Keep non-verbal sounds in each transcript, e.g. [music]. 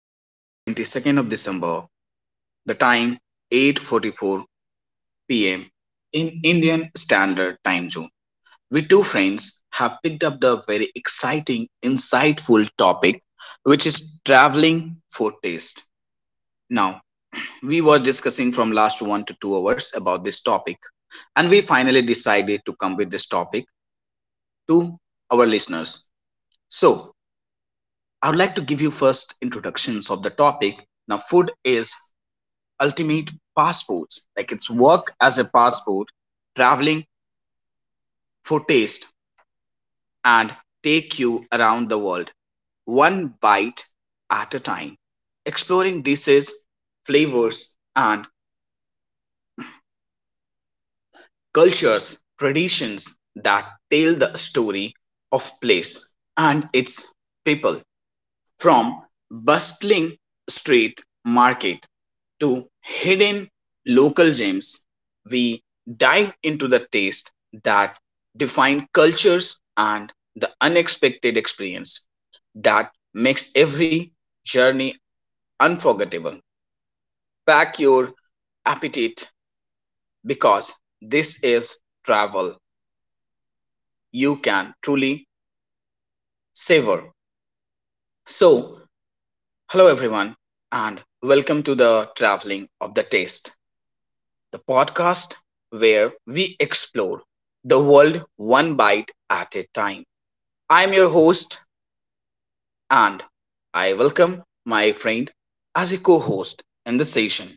Today, 22nd of December, the time 8:44 p.m. in Indian Standard Time Zone. We two friends have picked up the very exciting, insightful topic which is traveling for taste. Now, we were discussing from last 1 to 2 hours about this topic and we finally decided to come with this topic to our listeners. So, I would like to give you first introductions of the topic. Now, food is ultimate passports, like it's work as a passport, traveling for taste and take you around the world one bite at a time, exploring dishes, flavors, and cultures, traditions that tell the story of place and its people from bustling street market to hidden local gems, we dive into the taste that define cultures and the unexpected experience that makes every journey unforgettable. Pack your appetite because this is travel you can truly savor. So, hello everyone, and welcome to the traveling of the taste, the podcast where we explore the world one bite at a time. I'm your host, and I welcome my friend as a co host in the session.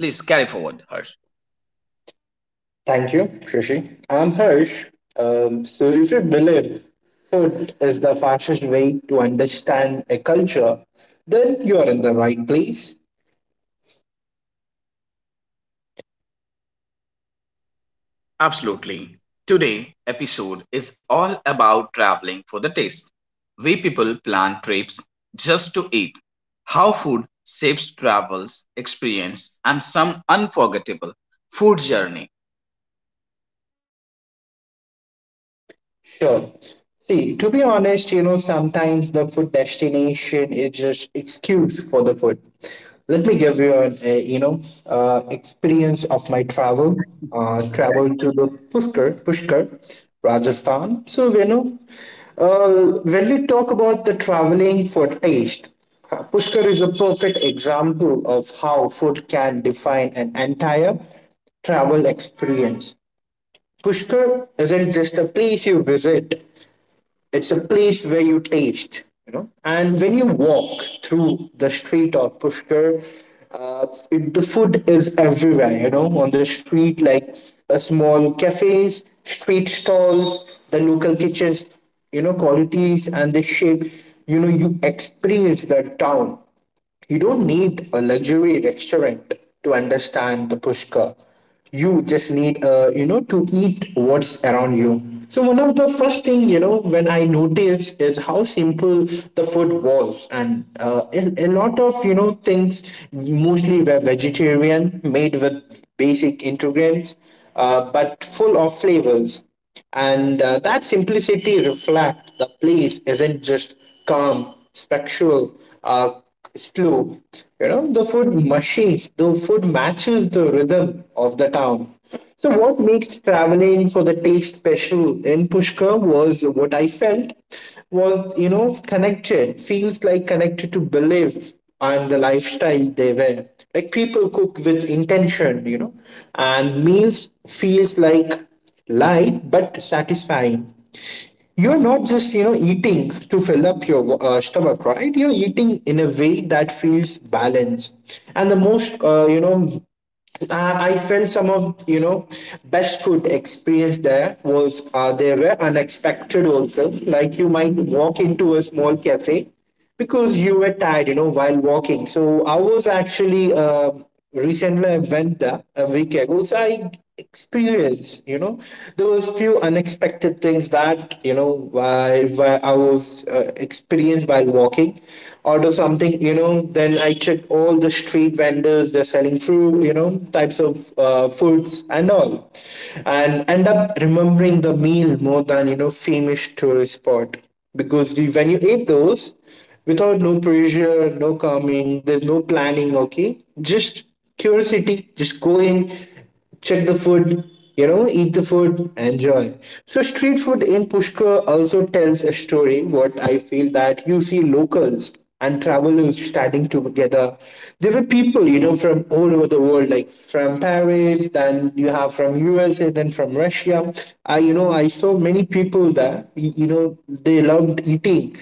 Please carry forward, Harsh. Thank you, Shashi. I'm Harsh. If you believe food is the fastest way to understand a culture, then you are in the right place. Absolutely. Today episode is all about traveling for the taste. We people plan trips just to eat. How food shapes travels, experience, and some unforgettable food journey. Sure. See, to be honest, you know, sometimes the food destination is just excuse for the food. Let me give you an, you know, experience of my travel. Travel Okay? to the Pushkar, Pushkar, Rajasthan. So you know, when we talk about the traveling for taste, Pushkar is a perfect example of how food can define an entire travel experience. Pushkar isn't just a place you visit, it's a place where you taste, you know. And when you walk through the street of Pushkar, the food is everywhere, you know, on the street, like small cafes, street stalls, the local kitchens, you know, qualities and the shape. You know, you experience the town, you don't need a luxury restaurant to understand the Pushkar. You just need, you know, to eat what's around you. So one of the first thing, you know, when I noticed is how simple the food was, and a lot of you know things mostly were vegetarian, made with basic ingredients, but full of flavors and that simplicity reflects the place isn't just calm, spectral, uh, slow, you know. The food machines, the food matches the rhythm of the town. So what makes traveling for the taste special in Pushkar was what I felt was, you know, connected, feels like connected to believe and the lifestyle they were, like people cook with intention, you know, and meals feels like light but satisfying. You're not just you know eating to fill up your stomach, right? You're eating in a way that feels balanced, and the most I felt some of you know best food experience there was there were unexpected also. Like you might walk into a small cafe because you were tired, you know, while walking. So I was actually recently I went there a week ago. So I experienced, you know, there was few unexpected things that you know I was experienced while walking, order something, you know, then I check all the street vendors, they're selling fruit, you know, types of foods and all. And end up remembering the meal more than, you know, famous tourist spot. Because you, when you eat those, without no pressure, no calming, there's no planning, okay? Just curiosity, just go in, check the food, you know, eat the food, enjoy. So street food in Pushkar also tells a story. What I feel that you see locals and travelers standing together. There were people, you know, from all over the world, like from Paris, then you have from USA, then from Russia. I, you know, I saw many people that, you know, they loved eating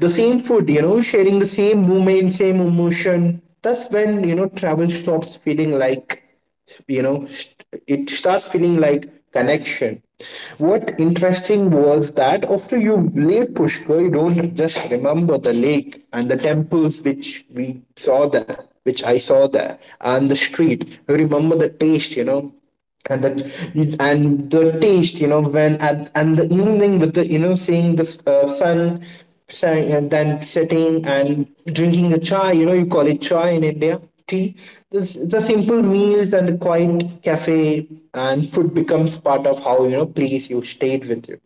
the same food, you know, sharing the same moment, same emotion. That's when, you know, travel stops feeling like it starts feeling like connection. What interesting was that after you leave Pushkar, you don't just remember the lake and the temples which we saw there which I saw there and the street, you remember the taste, you know, and the taste, you know, when at and the evening, with the you know seeing the uh, sun sun and then setting and drinking the chai, you know, you call it chai in India, tea, this the simple meals and the quiet cafe, and food becomes part of how you know place you stayed with you.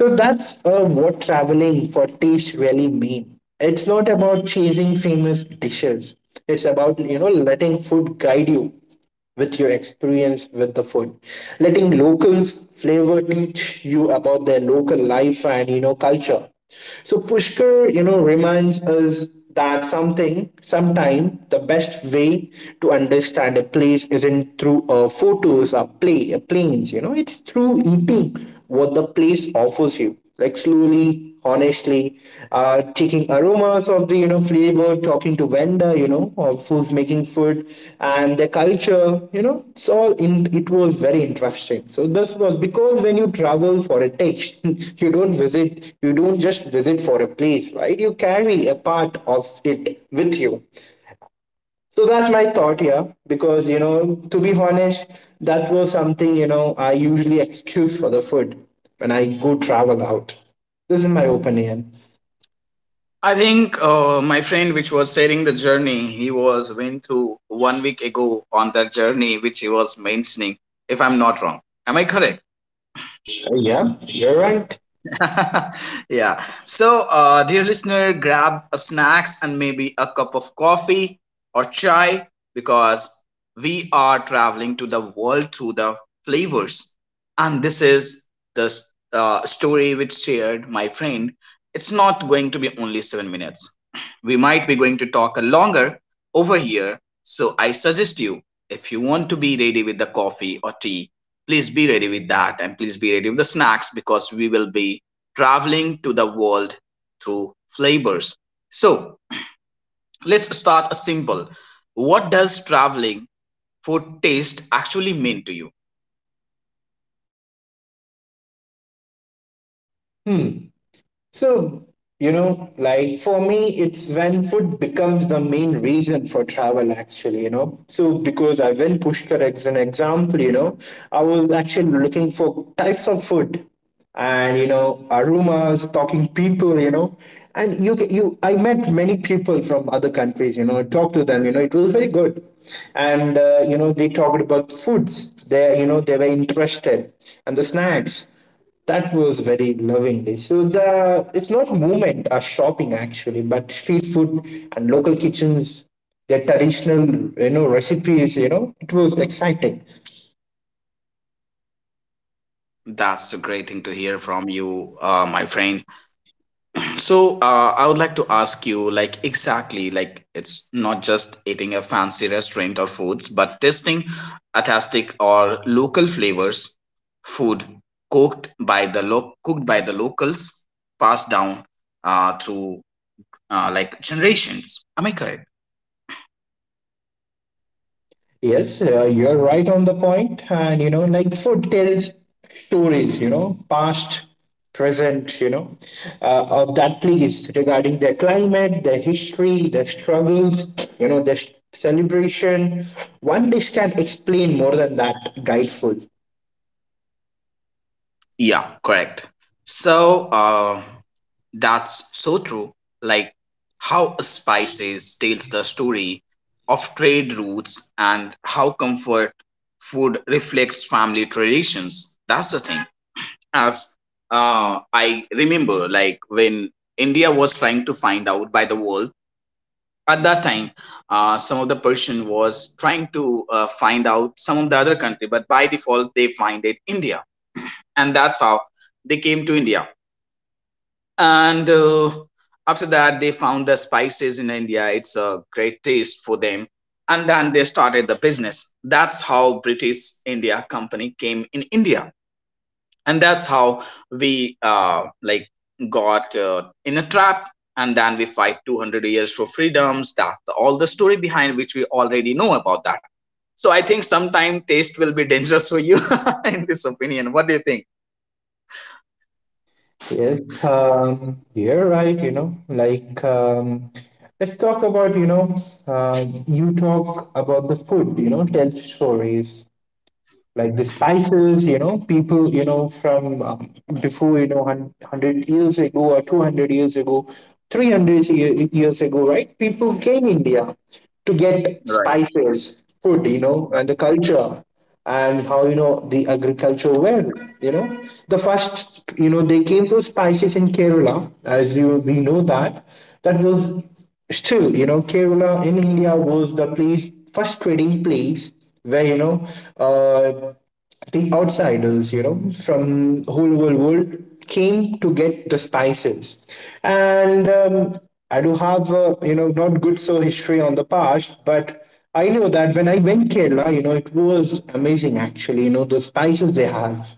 So that's what traveling for taste really mean. It's not about chasing famous dishes. It's about you know letting food guide you with your experience with the food, letting locals flavor teach you about their local life and you know culture. So Pushkar, you know, reminds us that something sometime the best way to understand a place isn't through photos or play planes, you know, it's through eating what the place offers you, like slowly, honestly, taking aromas of the you know flavor, talking to vendor, you know, of who's making food and the culture, you know, it's all in. It was very interesting. So this was because when you travel for a taste, [laughs] you don't visit, you don't just visit for a place, right? You carry a part of it with you. So that's my thought here, because you know, to be honest, that was something you know I usually excuse for the food when I go travel out. This is my opinion. I think my friend, which was sharing the journey, he was went through 1 week ago on that journey, which he was mentioning. If I'm not wrong, am I correct? Yeah, you're right. [laughs] Yeah. So, dear listener, grab a snacks and maybe a cup of coffee or chai because we are traveling to the world through the flavors. And this is the story which shared my friend. It's not going to be only 7 minutes. We might be going to talk longer over here. So, I suggest you if you want to be ready with the coffee or tea please be ready with that and please be ready with the snacks because we will be traveling to the world through flavors. So let's start simple. What does traveling for taste actually mean to you? So, you know, like for me, it's when food becomes the main reason for travel, actually, you know. So, because I went Pushkar as an example, you know, I was actually looking for types of food and, you know, aromas, talking people, you know. And I met many people from other countries, you know, I talked to them, you know, it was very good. And, you know, they talked about foods, they were interested, and the snacks that was very lovingly. So the it's not movement or shopping actually, but street food and local kitchens, their traditional you know recipes. You know, it was exciting. That's a great thing to hear from you, my friend. So I would like to ask you, like exactly, like it's not just eating a fancy restaurant or foods, but tasting authentic or local flavors, food cooked by the locals, passed down through like generations. Am I correct? Yes, you're right on the point, and you know, like food tells stories. You know, past, present. You know, of that place regarding their climate, their history, their struggles. You know, their celebration. One dish can explain more than that guide food. Yeah, correct. So that's so true. Like how a spices tells the story of trade routes and how comfort food reflects family traditions. That's the thing. As I remember, like when India was trying to find out by the world at that time, some of the person was trying to find out some of the other country, but by default they find it India and that's how they came to India. And after that, they found the spices in India. It's a great taste for them. And then they started the business. That's how British India Company came in India, and that's how we like got in a trap. And then we fight 200 years for freedoms. That all the story behind which we already know about that. So I think sometime taste will be dangerous for you [laughs] in this opinion. What do you think? Yes, you're right, you know, like let's talk about, you know, you talk about the food, you know, tell stories, like the spices, you know, people, you know, from before, you know, 100 years ago or 200 years ago, 300 years ago, right? People came India to get Right, spices, food, you know, and right. the culture, and how, you know, the agriculture were, you know. The first, you know, they came for spices in Kerala, as you we know that. That was still, you know, Kerala in India was the place, first trading place where, you know, uh, the outsiders, you know, from whole world came to get the spices. And I do have, you know, not good so history on the past, but I know that when I went Kerala, you know, it was amazing actually, you know, the spices they have.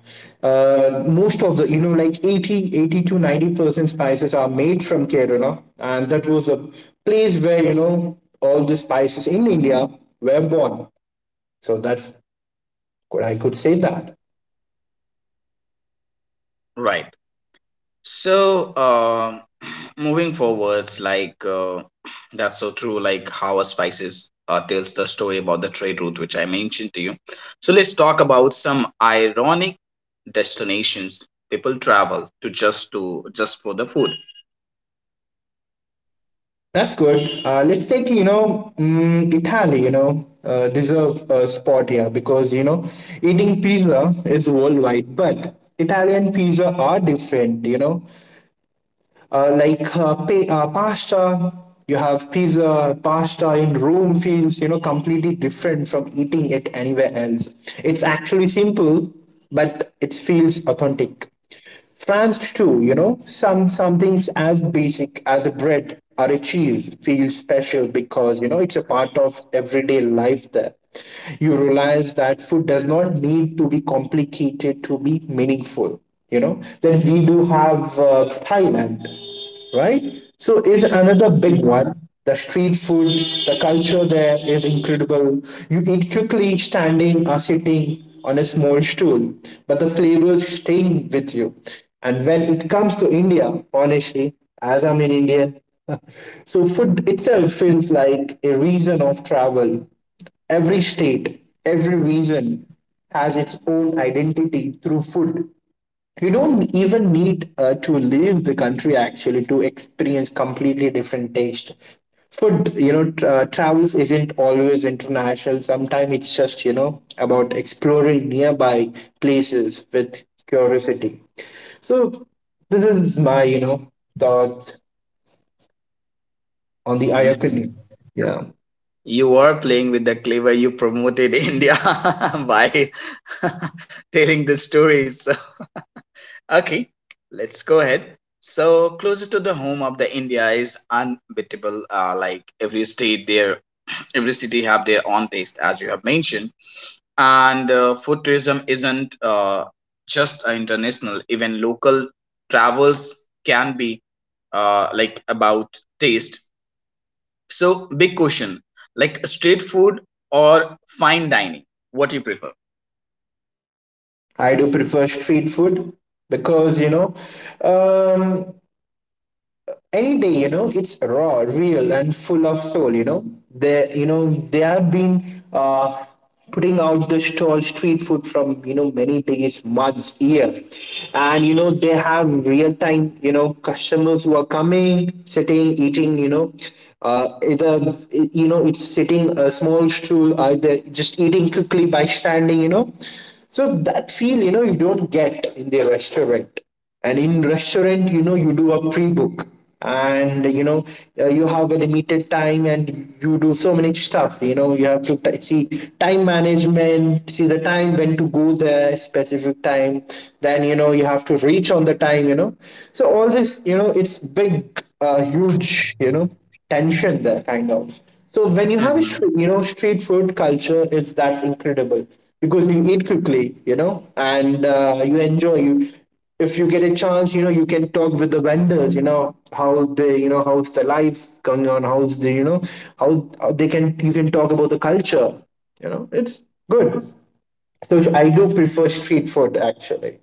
Most of the, you know, like 80 to 90% spices are made from Kerala. And that was a place where, you know, all the spices in India were born. So that's good. I could say that. Right. So, moving forwards, like that's so true. Like how a spices tells the story about the trade route, which I mentioned to you. So let's talk about some ironic destinations people travel to just for the food. That's good. Let's take, you know, mm, Italy, you know, deserve a spot here because, you know, eating pizza is worldwide, but Italian pizza are different, you know. Uh, like pasta. You have pizza, pasta in room feels you know completely different from eating it anywhere else. It's actually simple, but it feels authentic. France too, you know, some things as basic as a bread or a cheese feels special because you know it's a part of everyday life there. You realize that food does not need to be complicated to be meaningful, you know. Then we do have Thailand, right? So is another big Mhm. one, the street food, the culture there is incredible. You eat quickly standing or sitting on a small stool, but the flavors staying with you. And when it comes to India, honestly, as I'm in India, [laughs] so food itself feels like a reason of travel. Every state, every region has its own identity through food. You don't even need to leave the country actually to experience completely different taste food, you know. Travels isn't always international, sometimes it's just you know about exploring nearby places with curiosity. So this is my you know thoughts on the Mhm. Ayakuni, yeah. You are playing with the clever you promoted [laughs] India [laughs] by [laughs] telling the stories. [laughs] Okay, let's go ahead. So closer to the home of the India is unbeatable. Like every state, there every city have their own taste, as you have mentioned. And food tourism isn't just international. Even local travels can be like about taste. So big question, like street food or fine dining, what you prefer? I do prefer street food because you know, um, any day you know it's raw, real and full of soul, you know, they have been uh, putting out the stall street food from you know many days, months, year, and you know they have real time you know customers who are coming, sitting, eating, you know, either you know it's sitting a small stool, either just eating quickly by standing, you know. So that feel you know you don't get in the restaurant. And in restaurant, you know, you do a pre-book, and you know you have a limited time, and you do so many stuff, you know, you have to see time management, see the time when to go there, specific time, then you know you have to reach on the time, you know. So all this you know it's big, huge, you know, tension there kind of. So when you have a you know street food culture, it's that's incredible because you eat quickly, and you enjoy you if you get a chance, you can talk with the vendors, how they, how's the life going on, how's the, how they can, you can talk about the culture, it's good. So I do prefer street food actually.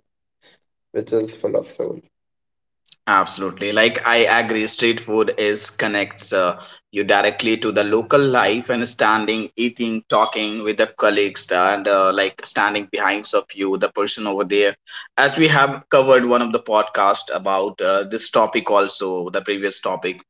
Absolutely. Like I agree, street food is connects you directly to the local life and standing, eating, talking with the colleagues and like standing behind of you, the person over there. As we have covered one of the podcast about this topic also, the previous topic.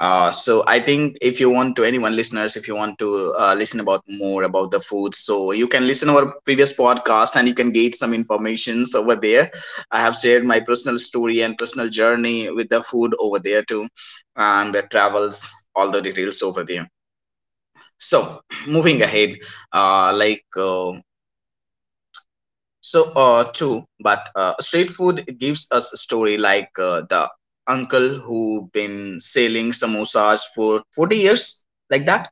So I think if you want to anyone listeners, if you want to listen about more about the food, so you can listen our previous podcast and you can get some informations over there. I have shared my personal story and personal journey with the food over there too, and the travels, all the details over there. So, [clears throat] moving ahead, uh, like uh, so, too, but street food gives us a story like the uncle who been selling samosas for 40 years, like that.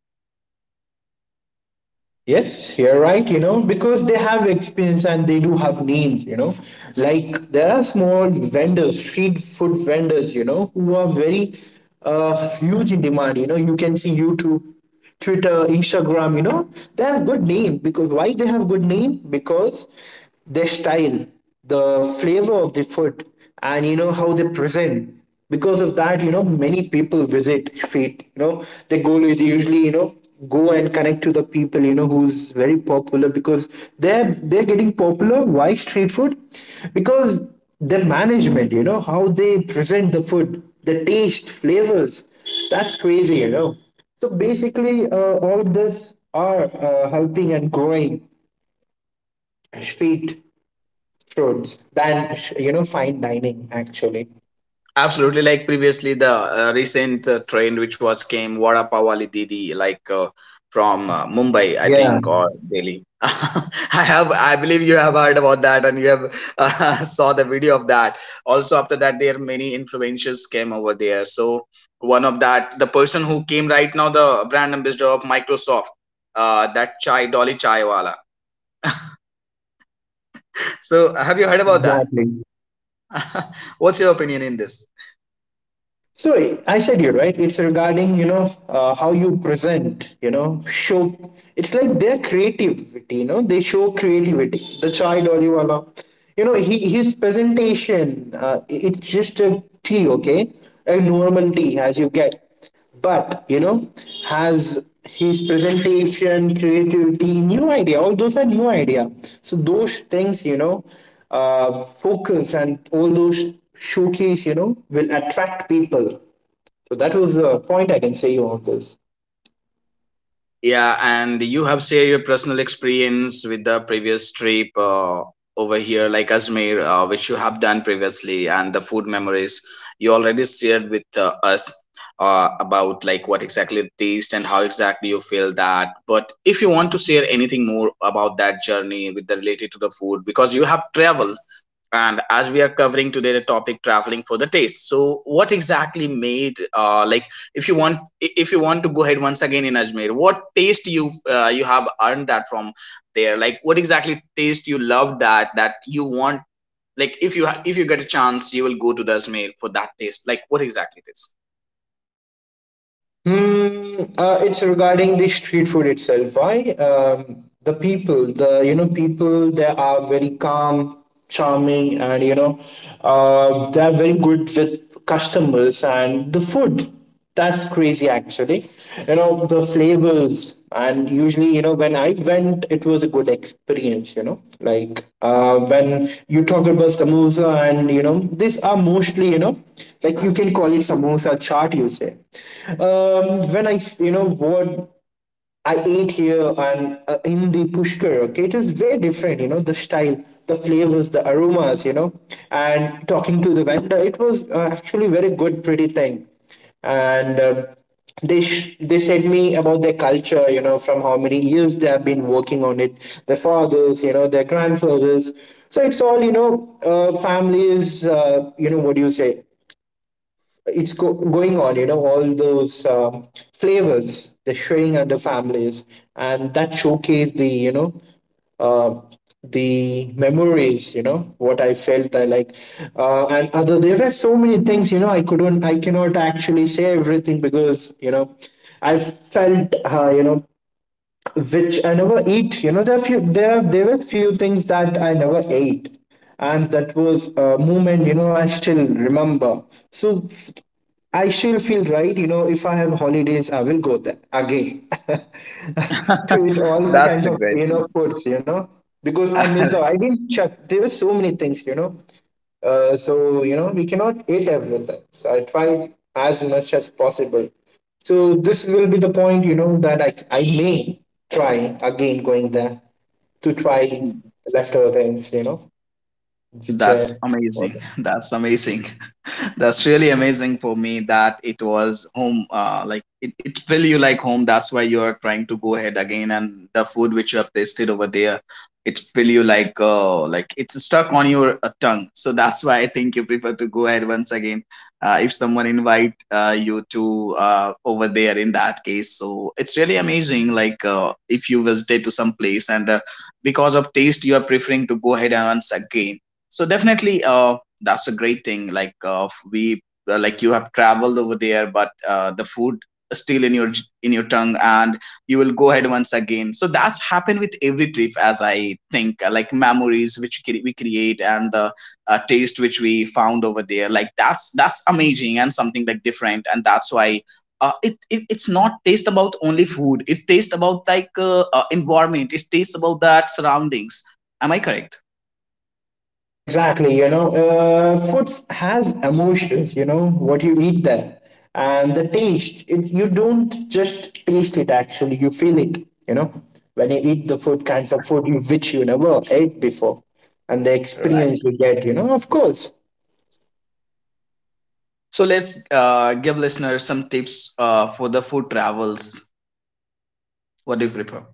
Yes, you're right, because they have experience and they do have names. Like there are small vendors, street food vendors, who are very huge in demand. You know, you can see YouTube, Twitter, Instagram. They have good name. Because why they have good name? Because their style, the flavor of the food, and how they present. Because of that, many people visit street, their goal is usually, go and connect to the people, who's very popular. Because they're getting popular. Why street food? Because the management, how they present the food, the taste, flavors. That's crazy, so basically, all of this are helping and growing street foods than, fine dining actually. Absolutely, like previously, the recent trend which was came Vada Pav Wali Didi, like from Mumbai, I Yeah, think, or Delhi. [laughs] I believe you have heard about that, and you have [laughs] saw the video of that. Also, after that, there many influencers came over there. So one of that, the person who came right now, the brand ambassador of Microsoft, that chai Dolly Chaiwala. [laughs] So have you heard about that? exactly. [laughs] What's your opinion in this? So I said you right. It's regarding, how you present. You know, show. It's like their creativity. You know, they show creativity. The child Oliwala. He, his presentation. It's just a tea, okay, a normal tea as you get, but has his presentation, creativity, new idea, all those are new idea. So those things, focus and all those, showcase, will attract people. So that was the point I can say on this. Yeah, and you have shared your personal experience with the previous trip over here, like Ajmer, which you have done previously, and the food memories you already shared with us about like what exactly it taste and how exactly you feel that. But if you want to share anything more about that journey with the related to the food, because you have traveled, and as we are covering today the topic traveling for the taste, so what exactly made like if you want to go ahead once again in Ajmer, what taste you you have earned that from there? Like what exactly taste you love that that you want? Like if you get a chance, you will go to the Ajmer for that taste. Like what exactly it is? Hmm, it's regarding the street food itself. Why? The people, the you know people, they are very calm, charming, and they are very good with customers and the food. That's crazy, actually. You know, the flavors, and usually, when I went it was a good experience, like, when you talk about samosa, and these are mostly, like you can call it samosa chaat, you say. When I you know what I ate here and in the Pushkar, okay, it was very different, you know, the style, the flavors, the aromas, you know, and talking to the vendor, it was actually very good, pretty thing, and they said me about their culture, you know, from how many years they have been working on it, their fathers, you know, their grandfathers. So it's all, families, what do you say, going on, all those, flavors they're sharing under families, and that showcase the, uh, the memories, what I felt I like, and other there were so many things, I cannot actually say everything because, I felt, which I never eat. You know, there were few things that I never ate, and that was a moment. You know, I still remember. So f- I still feel right. You know, if I have holidays, I will go there again [laughs] to eat [laughs] all That's the kinds of, great thing. Foods. You know, because I miss the. I didn't check. There were so many things. You know, so we cannot eat everything. So I try as much as possible. So this will be the point, that I may try again going there to try leftover things, [laughs] which were. That's amazing. That's amazing. That's really amazing for me that it was home, like it feel you like home. That's why you are trying to go ahead again and the food which you have tasted over there, it feel you like it's stuck on your tongue. So that's why I think you prefer to go ahead once again if someone invite you to over there, in that case. So it's really amazing, like if you visited to some place and because of taste you are preferring to go ahead and once again, so definitely that's a great thing. Like we like you have traveled over there, but the food is still in your in your tongue, and you will go ahead once again. So that's happened with every trip, as I think. Like memories which we create and the taste which we found over there. Like that's amazing and something like different, and that's why. It it's not taste about only food. It's taste about like environment. It's taste about that surroundings. Am I correct? Exactly, foods has emotions, what you eat there. And the taste, it, you don't just taste it actually, you feel it, you know. When you eat the food, kinds of food you, which you never ate before. And the experience you get, you know, of course. So let's give listeners some tips for the food travels. What do you prefer?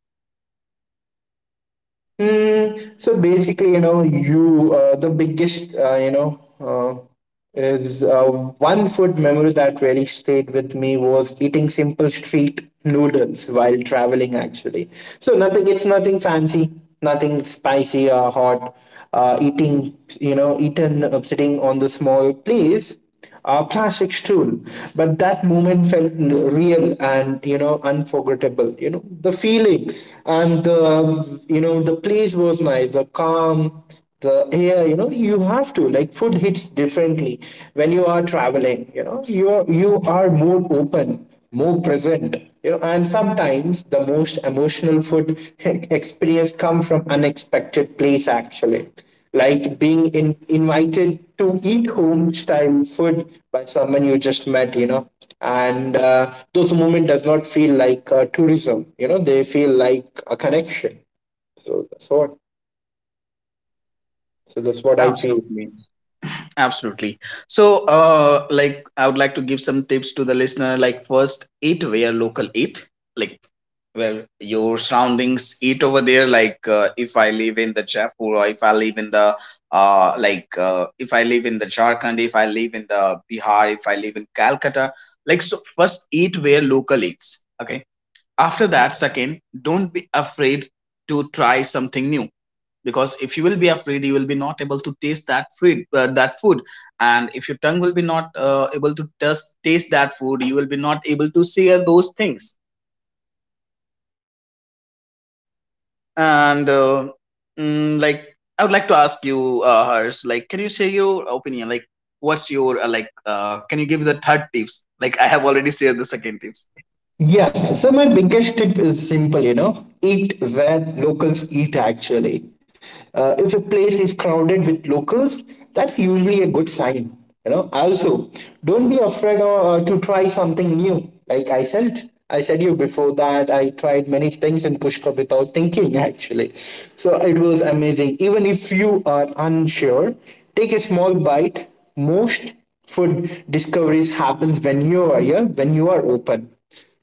Mm, so basically, you the biggest, you know, is one food memory that really stayed with me was eating simple street noodles while traveling. Actually, so nothing. It's nothing fancy, nothing spicy or hot. Eating, eaten sitting on the small place, a plastic stool, but that moment felt real, and unforgettable, the feeling, and the, the place was nice, the calm, the air, you have to, like, food hits differently when you are traveling. You are more open, more present, and sometimes the most emotional food [laughs] experience come from unexpected place actually. Like being invited to eat home style food by someone you just met, and those moment does not feel like, tourism, they feel like a connection. so that's what so that's what I feel. Absolutely. Absolutely. So, like, I would like to give some tips to the listener. Like, first, eat where local eat. Like, well, your surroundings eat over there. Like, if I live in the Jaipur, or if I live in the, if I live in the Jharkhand, if I live in the Bihar, if I live in Calcutta, like, so first eat where local eats. Okay, after that second don't be afraid to try something new, because if you will be afraid you will be not able to taste that food, that food, and if your tongue will be not able to taste that food you will be not able to share those things. And like I would like to ask you hers, like can you share your opinion, like what's your can you give the third tips, like I have already shared the second tips. Yeah, so my biggest tip is simple, you know, eat where locals eat actually. If a place is crowded with locals, that's usually a good sign, you know. Also, don't be afraid to try something new. Like I said you before that I tried many things in Pushkar without thinking [laughs] actually. So it was amazing. Even if you are unsure, take a small bite. Most food discoveries happens when you are, yeah, when you are open.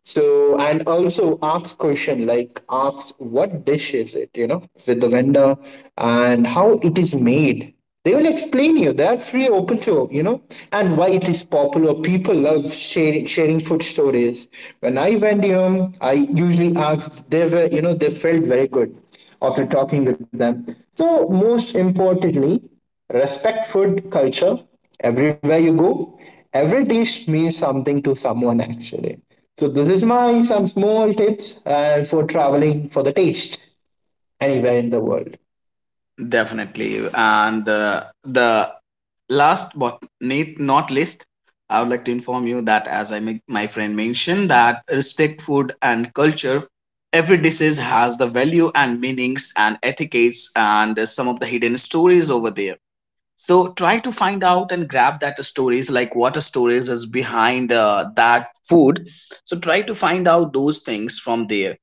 So and also ask question, like ask what dish is it, you know, with the vendor, and how it is made. They will explain you. They are free, open to, you know, and why it is popular. People love sharing food stories. When I went, you know, I usually asked. They were, you know, they felt very good after talking with them. So most importantly, respect food culture everywhere you go. Every dish means something to someone actually. So this is my some small tips and for traveling for the taste anywhere in the world. Definitely, and the last but not least, I would like to inform you that as I make my friend mentioned that respect food and culture, every disease has the value and meanings and etiquettes and some of the hidden stories over there. So try to find out and grab that stories like what stories is behind that food. So try to find out those things from there.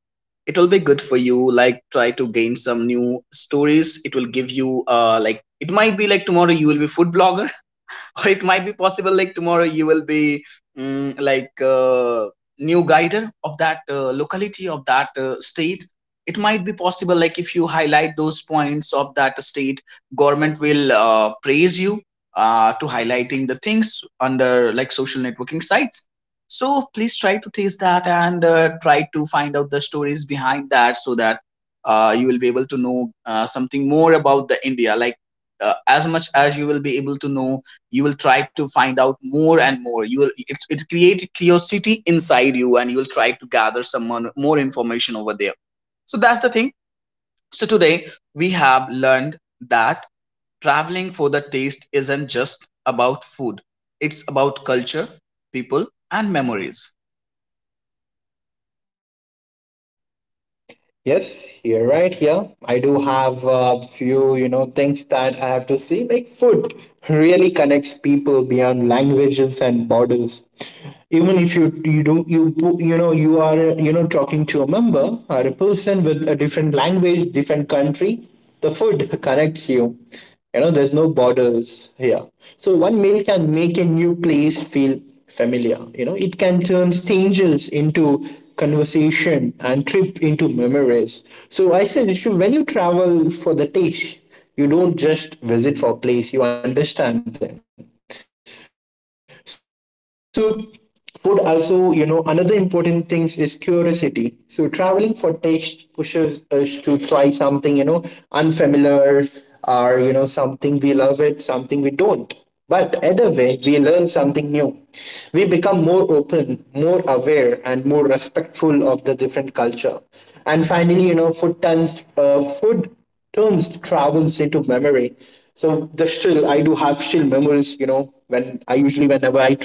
It will be good for you. Like, try to gain some new stories. It will give you like, it might be like tomorrow you will be food blogger [laughs] or it might be possible like tomorrow you will be mm, like uh, new guider of that locality, of that state. It might be possible, like, if you highlight those points of that state, government will praise you to highlighting the things under like social networking sites. So please try to taste that and try to find out the stories behind that, so that you will be able to know something more about the India. Like as much as you will be able to know, you will try to find out more and more. You will, it create curiosity inside you, and you will try to gather some more, more information over there. So that's the thing. So today we have learned that traveling for the taste isn't just about food. It's about culture, people, and memories. Yes, here, right here. I do have a few, you know, things that I have to see. Like food really connects people beyond languages and borders. Even if you you do you you know you are, talking to a member or a person with a different language, different country, the food connects you, you know there's no borders here. So one meal can make a new place feel familiar, it can turn strangers into conversation and trip into memories. So I said, Rishu, when you travel for the taste, you don't just visit for a place, you understand them. So food also, another important thing is curiosity. So traveling for taste pushes us to try something, unfamiliar, or something we love, it, something we don't, but either way we learn something new. We become more open, more aware, and more respectful of the different culture. And finally, food turns travels into memory. So the still I do have still memories, you know, when I usually whenever I travel.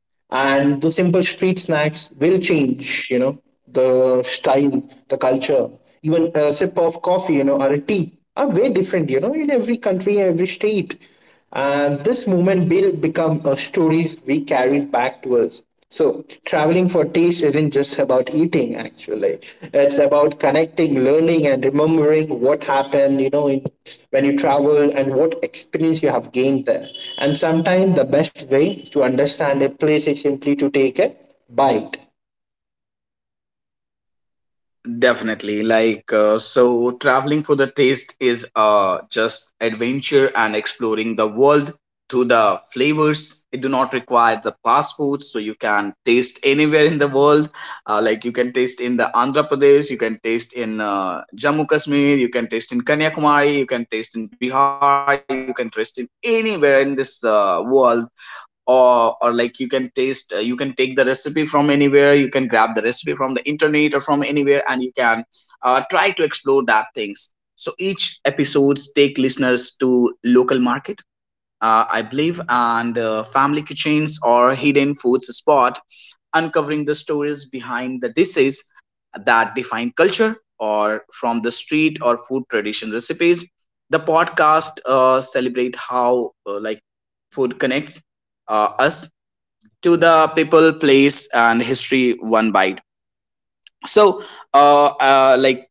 And the simple street snacks will change, you know, the style, the culture. Even a sip of coffee, you know, or a tea are way different, you know, in every country, every state. And this moment will become a stories we carry back to us. So traveling for taste isn't just about eating, actually. It's about connecting, learning, and remembering what happened, you know, in, when you travel and what experience you have gained there. And sometimes the best way to understand a place is simply to take a bite. Definitely. Like, so traveling for the taste is just adventure and exploring the world through the flavors. It do not require the passports, so you can taste anywhere in the world. You can taste in the Andhra Pradesh, you can taste in Jammu Kashmir, you can taste in Kanyakumari, you can taste in Bihar, you can taste in anywhere in this world. Or like, you can taste you can take the recipe from anywhere, you can grab the recipe from the internet or from anywhere, and you can try to explore that things. So each episodes take listeners to local market, I believe, and family kitchens or hidden foods spot, uncovering the stories behind the dishes that define culture, or from the street or food tradition recipes. The podcast celebrate how like food connects us to the people, place, and history, one bite. So, uh, uh, like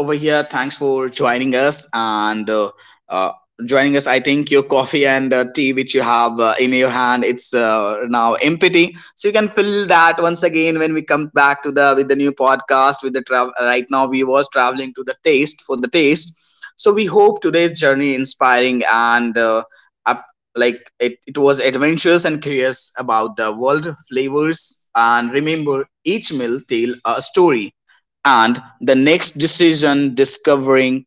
over here, thanks for joining us and uh, joining us. I think your coffee and tea, which you have in your hand, it's now empty. So you can fill that once again when we come back to the with the new podcast. With the travel right now, we was traveling to the taste, for the taste. So we hope today's journey inspiring and up, like it was adventurous and curious about the world flavors. And remember, each meal tell a story, and the next decision discovering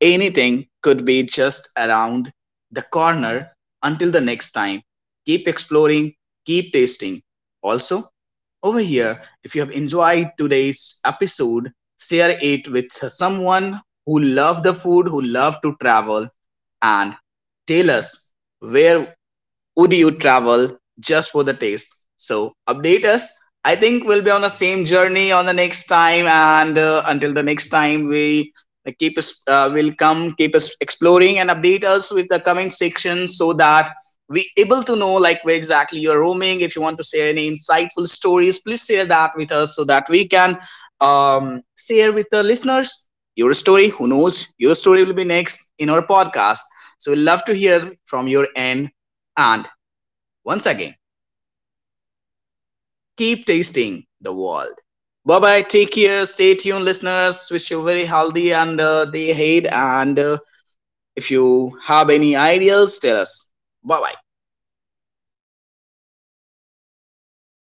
anything could be just around the corner. Until the next time, keep exploring, keep tasting. Also, over here, if you have enjoyed today's episode, share it with someone who love the food, who love to travel, and tell us, where would you travel just for the taste? So update us. I think we'll be on the same journey on the next time, and until the next time, we keep us. Will come keep us exploring and update us with the comment section, so that we able to know like where exactly you are roaming. If you want to share any insightful stories, please share that with us so that we can share with the listeners your story. Who knows? Your story will be next in our podcast. So we love to hear from your end, and once again, keep tasting the world. Bye bye. Take care. Stay tuned, listeners. Wish you very healthy and day ahead. And if you have any ideas, tell us. Bye bye.